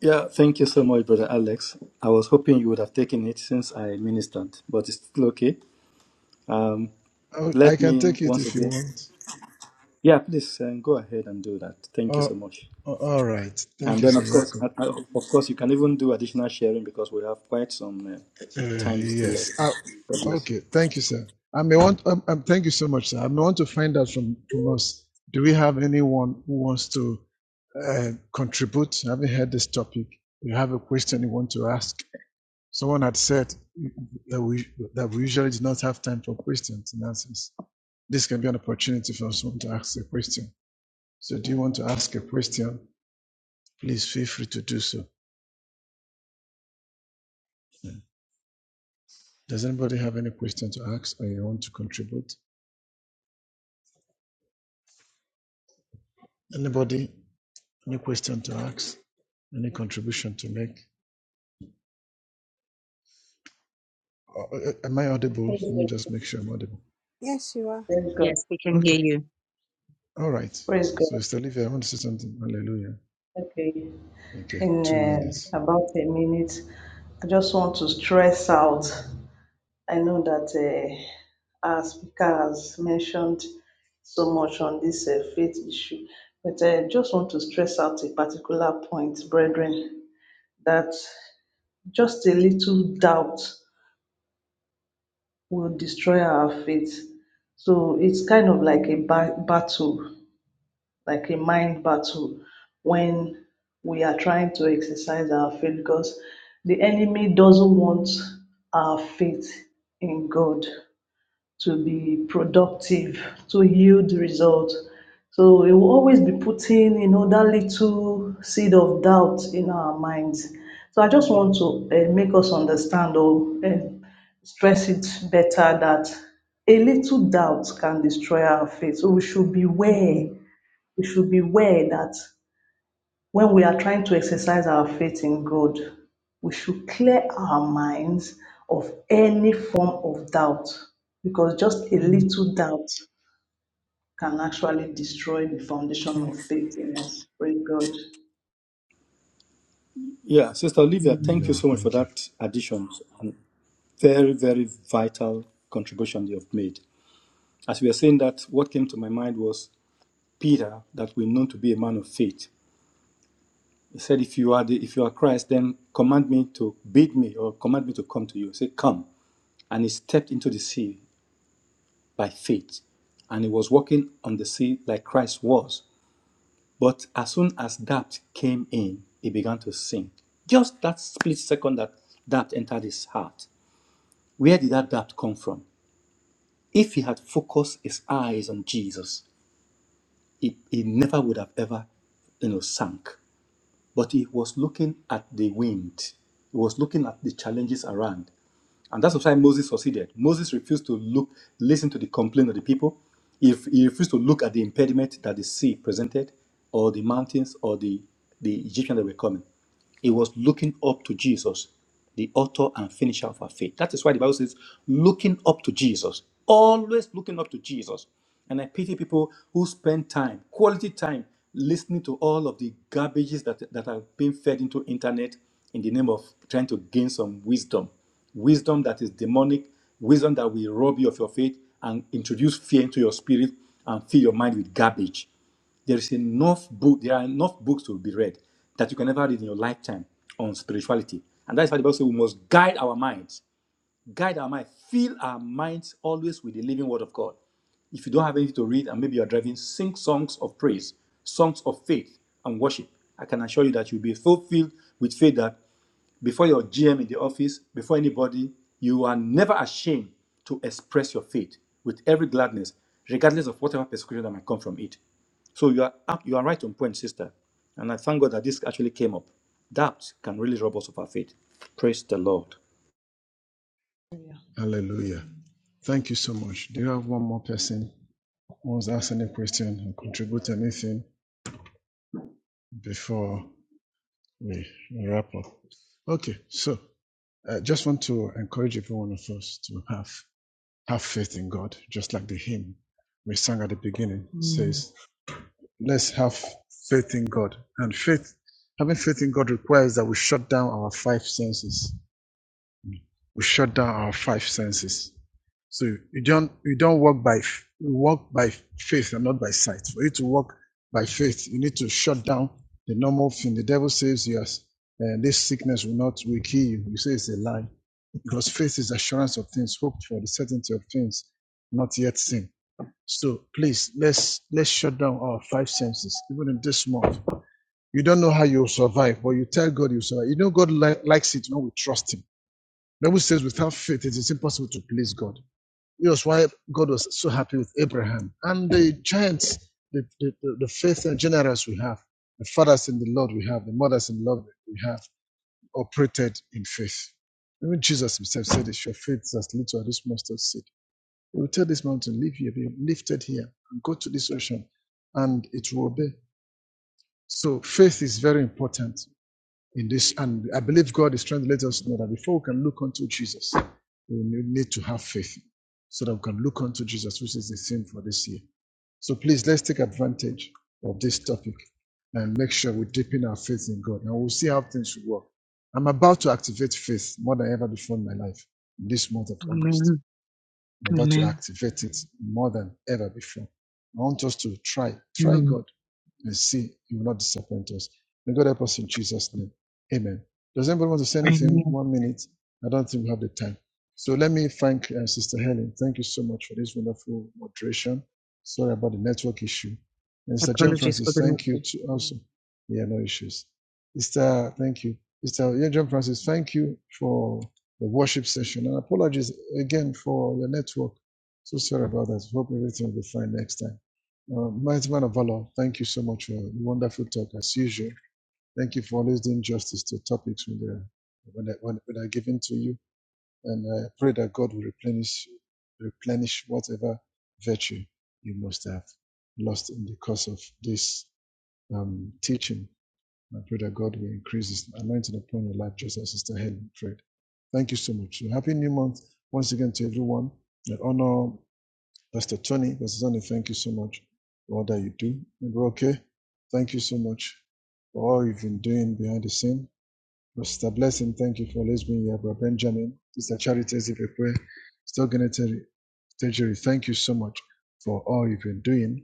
S10: Yeah, thank you so much, Brother Alex. I was hoping you would have taken it since I ministered, but it's still okay. Um,
S4: I, I
S10: let
S4: can
S10: me
S4: take it
S10: once
S4: if you
S10: again.
S4: want.
S10: Yeah, please um, go ahead and do that. Thank you
S4: Oh,
S10: so much.
S4: all right. Thank
S10: And
S4: you,
S10: then,
S4: sir.
S10: of
S4: You're
S10: course,
S4: welcome.
S10: uh, uh, of course, you can even do additional sharing because we have quite some uh,
S4: Uh,
S10: time still
S4: yes.
S10: left.
S4: Uh,
S10: God bless you.
S4: okay. Thank you, sir. I may want. Um, um, thank you so much, sir. I may want to find out from from us. Do we have anyone who wants to uh, contribute? Having heard this topic, you have a question you want to ask. Someone had said that we that we usually do not have time for questions and answers. This can be an opportunity for someone to ask a question. So, do you want to ask a question? Please feel free to do so. Does anybody have any question to ask or you want to contribute? Anybody? Any question to ask? Any contribution to make? Uh, uh, am I audible?
S13: Praise
S4: Let me
S13: God.
S4: just make sure I'm audible.
S3: Yes, you are.
S13: Praise God.
S1: Yes, we can hear
S4: Okay.
S1: you.
S4: All right.
S13: Praise God.
S4: So, Sister Olivia, I want to say something. Hallelujah.
S13: Okay.
S4: Okay.
S13: In
S4: Two minutes.
S13: uh, about a minute, I just want to stress out. I know that uh, our speaker has mentioned so much on this uh, faith issue, but I just want to stress out a particular point, brethren, that just a little doubt will destroy our faith. So it's kind of like a ba- battle like a mind battle when we are trying to exercise our faith because the enemy doesn't want our faith in God to be productive, to yield results. So it will always be putting, you know, that little seed of doubt in our minds. So I just want to uh, make us understand or uh, stress it better that a little doubt can destroy our faith. So we should beware
S1: Mm,
S13: we should beware that when we are trying to exercise our faith in God, we should clear our minds of any form of doubt because just a
S1: mm,
S13: little doubt can actually destroy the foundation of faith in us. Praise God.
S10: Yeah, Sister Olivia, thank
S1: mm,
S10: you
S4: Yeah.
S10: so much for
S4: Thank you.
S10: that addition and very, very vital contribution you have made. As we are saying that, what came to my mind was Peter, that we know to be a man of faith He said, If you are the if you are Christ, then command me to bid me or command me to come to you. Say, Come. And he stepped into the sea by faith. And he was walking on the sea like Christ was. But as soon as doubt came in, he began to sink. Just that split second that doubt entered his heart. Where did that doubt come from? If he had focused his eyes on Jesus, he, he never would have ever, you know, sank. but he was looking at the wind. He was looking at the challenges around. And that's why Moses succeeded. Moses refused to look, listen to the complaint of the people. If he refused to look at the impediment that the sea presented, or the mountains, or the, the Egyptians that were coming, he was looking up to Jesus the author and finisher of our faith. That is why the Bible says, looking up to Jesus, always looking up to Jesus. And I pity people who spend time, quality time, listening to all of the garbages that, that are being fed into internet in the name of trying to gain some wisdom. Wisdom that is demonic, wisdom that will rob you of your faith and introduce fear into your spirit and fill your mind with garbage. There is enough book. There are enough books to be read that you can never read in your lifetime on spirituality, and that is why the Bible says we must guide our minds, guide our mind, fill our minds always with the living Word of God. If you don't have anything to read and maybe you're driving, sing songs of praise, songs of faith and worship. I can assure you that you'll be fulfilled with faith that before your GM in the office, before anybody, you are never ashamed to express your faith with every gladness, regardless of whatever persecution that might come from it. So you are up- you are right on point, sister. And I thank God that this actually came up. Doubt can really rob us of our faith. Praise the Lord.
S4: Hallelujah. Thank you so much. Do you have one more person who wants to ask any question or contribute anything before we wrap up? Okay, so I just want to encourage every one of us to have have faith in God, just like the hymn we sang at the beginning
S1: mm.
S4: says. Let's have faith in God. And faith, having faith in God requires that we shut down our five senses. We shut down our five senses. So you don't you don't walk by you walk by faith and not by sight. For you to walk by faith, you need to shut down the normal thing. The devil says yes, and this sickness will not will kill you. You say it's a lie, because faith is assurance of things hoped for, the certainty of things not yet seen. So please let's let's shut down our five senses, even in this month. You don't know how you'll survive, but you tell God you will survive. You know God li- likes it when we trust Him. The Bible says without faith it is impossible to please God. That's why God was so happy with Abraham and the giants, the, the, the, the faith and generals we have, the fathers in the Lord we have, the mothers in the Lord we have, operated in faith. Even Jesus himself said, "It's your faith that leads to this mustard seed." He will tell this mountain, leave here, be lifted here, and go to this ocean, and it will obey. So faith is very important in this, and I believe God is trying to let us know that before we can look unto Jesus, we need to have faith so that we can look unto Jesus, which is the theme for this year. So please let's take advantage of this topic and make sure we deepen our faith in God, and we'll see how things will work. I'm about to activate faith more than ever before in my life in this month of August.
S1: Amen.
S4: I'm about to
S1: Amen.
S4: activate it more than ever before. I want us to try, try
S1: Mm,
S4: God. You see, you will not disappoint us. May God help us in Jesus' name. Amen. Does anybody want to say anything?
S1: Amen.
S4: One minute. I don't think we have the time. So let me thank uh, Sister Helen. Thank you so much for this wonderful moderation. Sorry about the network issue. And Mr. Jim
S1: Apologies for
S4: Francis,
S1: the
S4: thank you
S1: network.
S4: too. Also, yeah, no issues. Mr. Thank you, Mr. Yeah, John Francis. Thank you for the worship session. And apologies again for your network. So sorry about that. Hope everything will be fine next time. Uh, mighty man of valor, thank you so much for the wonderful talk as usual. Thank you for always doing justice to topics when they're when I, when, when are given to you, and I pray that God will replenish replenish whatever virtue you must have lost in the course of this um, teaching. I pray that God will increase His anointing upon your life, just as Sister Helen prayed. Thank you so much. So happy New Month once again to everyone. I honor Pastor Tony, Pastor Tony, thank you so much for all that you do. And we're okay, thank you so much for all you've been doing behind the scene. Pastor Blessing, thank you for always being here. Brother Benjamin, Sister Charity Zipekwe, Sister Geneteri, thank you so much for all you've been doing.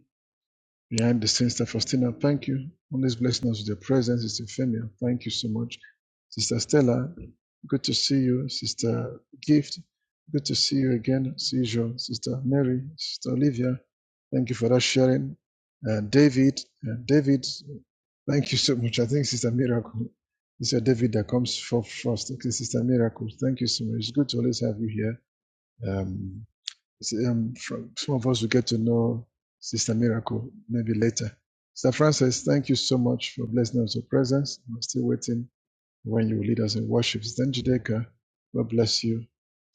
S4: Behind the scenes, Sister Faustina, thank you. Always blessing us with your presence, Sister Femia. Thank you so much. Sister Stella, good to see you. Sister Gift, good to see you again. See you, Sister Mary, Sister Olivia. Thank you for that sharing. Uh, David, uh, David, thank you so much. I think Sister Miracle. Sister David that comes for first. Okay, Sister Miracle, thank you so much. It's good to always have you here. Um, See, Um, from, some of us will get to know Sister Miracle maybe later. Sister Francis, thank you so much for blessing us with your presence. I'm still waiting when you will lead us in worship. Sister Njideka, God bless you.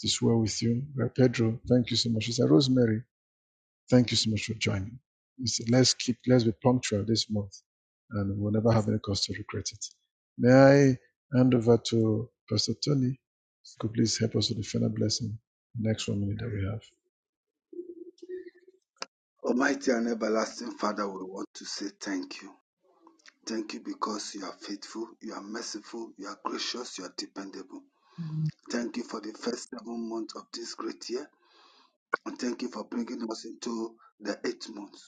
S4: This well with you. Brother Pedro, thank you so much. Sister Rosemary, thank you so much for joining. Let's keep, let's be punctual this month and we'll never have any cause to regret it. May I hand over to Pastor Tony? who Could please help us with the final blessing, the next one minute that we have.
S11: Almighty and everlasting Father, we want to say thank you. Thank you because you are faithful, you are merciful, you are gracious, you are dependable.
S1: Mm,
S11: Thank you for the first seven months of this great year, and thank you for bringing us into the eighth month.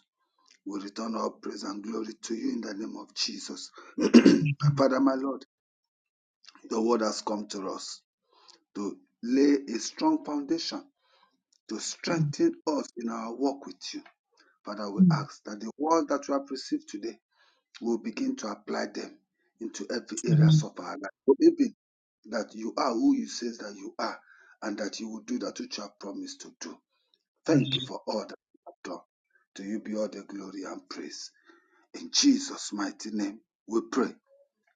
S11: We return all praise and glory to you in the name of Jesus. [CLEARS THROAT]
S1: mm,
S11: Father, my Lord, the word has come to us to lay a strong foundation, to
S1: mm,
S11: strengthen us in our walk with you. Father, we
S1: mm.
S11: ask that the word that we have received today will begin to apply them into every areas
S1: Amen.
S11: of our life. Believing that you are who you says that you are and that you will do that which you have promised to do. Thank you for all that you have done. To you be all the glory and praise. In Jesus' mighty name, we pray.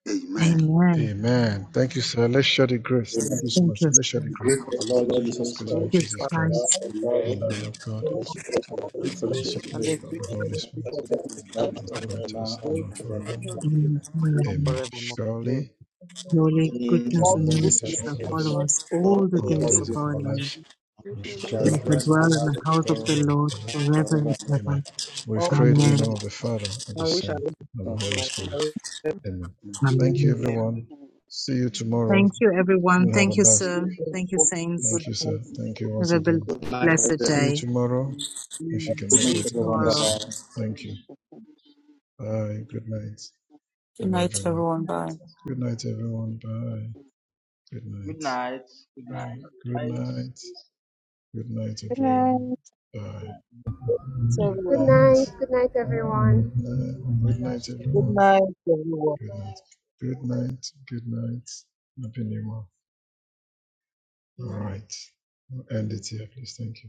S11: Amen.
S1: Amen.
S4: Amen. Thank you, sir. Let's share the grace.
S7: And
S4: Thank you
S7: the
S4: so
S1: Thank
S4: much. Sir.
S1: you,
S4: Let's share the
S1: Spirit.
S4: grace.
S10: Grace of
S14: Both
S10: our Lord Jesus
S14: theologians
S4: Praise the
S7: Grace
S4: Lord
S14: spoke
S1: Give
S7: to
S10: Christ,
S4: Jesus
S14: of
S7: Father,
S14: the
S4: Christ,
S14: love
S1: Christ
S10: the love
S4: the
S14: of
S10: of
S14: God
S4: love of
S10: God,
S4: God,
S7: Son,
S14: and the
S10: and
S14: supernatural
S10: the free
S14: Holy
S4: and the
S10: fellowship of
S4: sweet
S14: Spirit
S10: the
S7: and
S10: Holy
S7: the
S4: fellowship
S10: Spirit,
S4: of
S7: sweet
S4: the
S14: and
S4: Holy
S7: fellowship
S4: Spirit.
S7: of the
S10: rest and
S7: Holy
S10: abide with
S4: There's no
S10: us
S4: better to us
S10: now
S7: Spirit,
S4: now
S7: grace
S10: and
S4: and
S10: forevermore.
S4: forevermore.
S7: to them to
S1: in
S10: Amen.
S7: now
S1: Amen.
S4: Amen.
S7: forevermore. Amen.
S4: Surely,
S1: Holy
S4: goodness
S1: goodness and
S4: and
S10: Surely,
S4: mercy
S1: mercy
S10: the
S4: shall
S1: shall
S10: mercy
S4: follow
S10: of the
S4: us
S1: follow
S10: Lord,
S1: us all the
S4: all the
S10: all
S1: days
S10: the
S4: days
S1: of
S4: of
S10: days of
S1: our
S4: our
S1: life.
S10: our life,
S4: lives. We shall
S1: and
S4: dwell
S10: shall
S4: in
S9: It's
S1: We
S4: the
S10: dwell
S1: shall
S10: in
S4: house of the
S10: the
S1: dwell in
S4: Lord
S1: the
S10: heart of
S1: house of
S10: God
S1: the
S7: Because
S4: forever
S1: Lord
S4: and ever.
S1: forever
S10: forever and
S1: and
S10: ever.
S1: ever.
S4: Amen. We've
S7: All the
S4: prayed in the
S7: days
S10: Amen.
S7: of
S4: name
S1: Amen.
S4: of the Father, of the
S7: our wish I
S4: Son,
S7: live
S4: and of
S7: to
S4: the Holy Spirit.
S7: God.
S4: Amen. Thank
S1: Amen.
S4: you,
S7: Amen.
S4: everyone. See you tomorrow.
S1: Thank you, everyone.
S4: We'll have
S1: Thank
S4: a
S1: you,
S4: blessed
S1: sir. Thank you, saints.
S4: Thank you, sir. Thank you
S1: Have
S4: once
S1: a bel-
S4: again.
S14: Good
S1: blessed
S14: night,
S4: See you
S1: day.
S4: tomorrow. If you can
S10: Thank you,
S4: make
S1: See you
S4: it,
S10: Mr.
S4: God
S10: Wanda
S4: bless
S1: tomorrow.
S4: you.
S10: Bara.
S4: Thank you. Bye. Good night.
S15: Good
S4: Good night,
S15: night,
S4: everyone.
S15: everyone. Bye.
S4: Good night, everyone. Bye. Good
S5: Good
S4: night.
S5: night. Good night.
S4: Bye. Good
S5: Nice
S4: night. Good night,
S12: Good night.
S5: day.
S4: everyone. Bye. Good
S16: Good
S9: everywhere.
S4: night.
S16: night. Good night, everyone.
S4: Good night. Good night,
S7: Good
S4: everyone.
S7: night, everyone.
S4: Good night. Good night. Good night. Happy New Month. All right. We'll end it here, please. Thank you.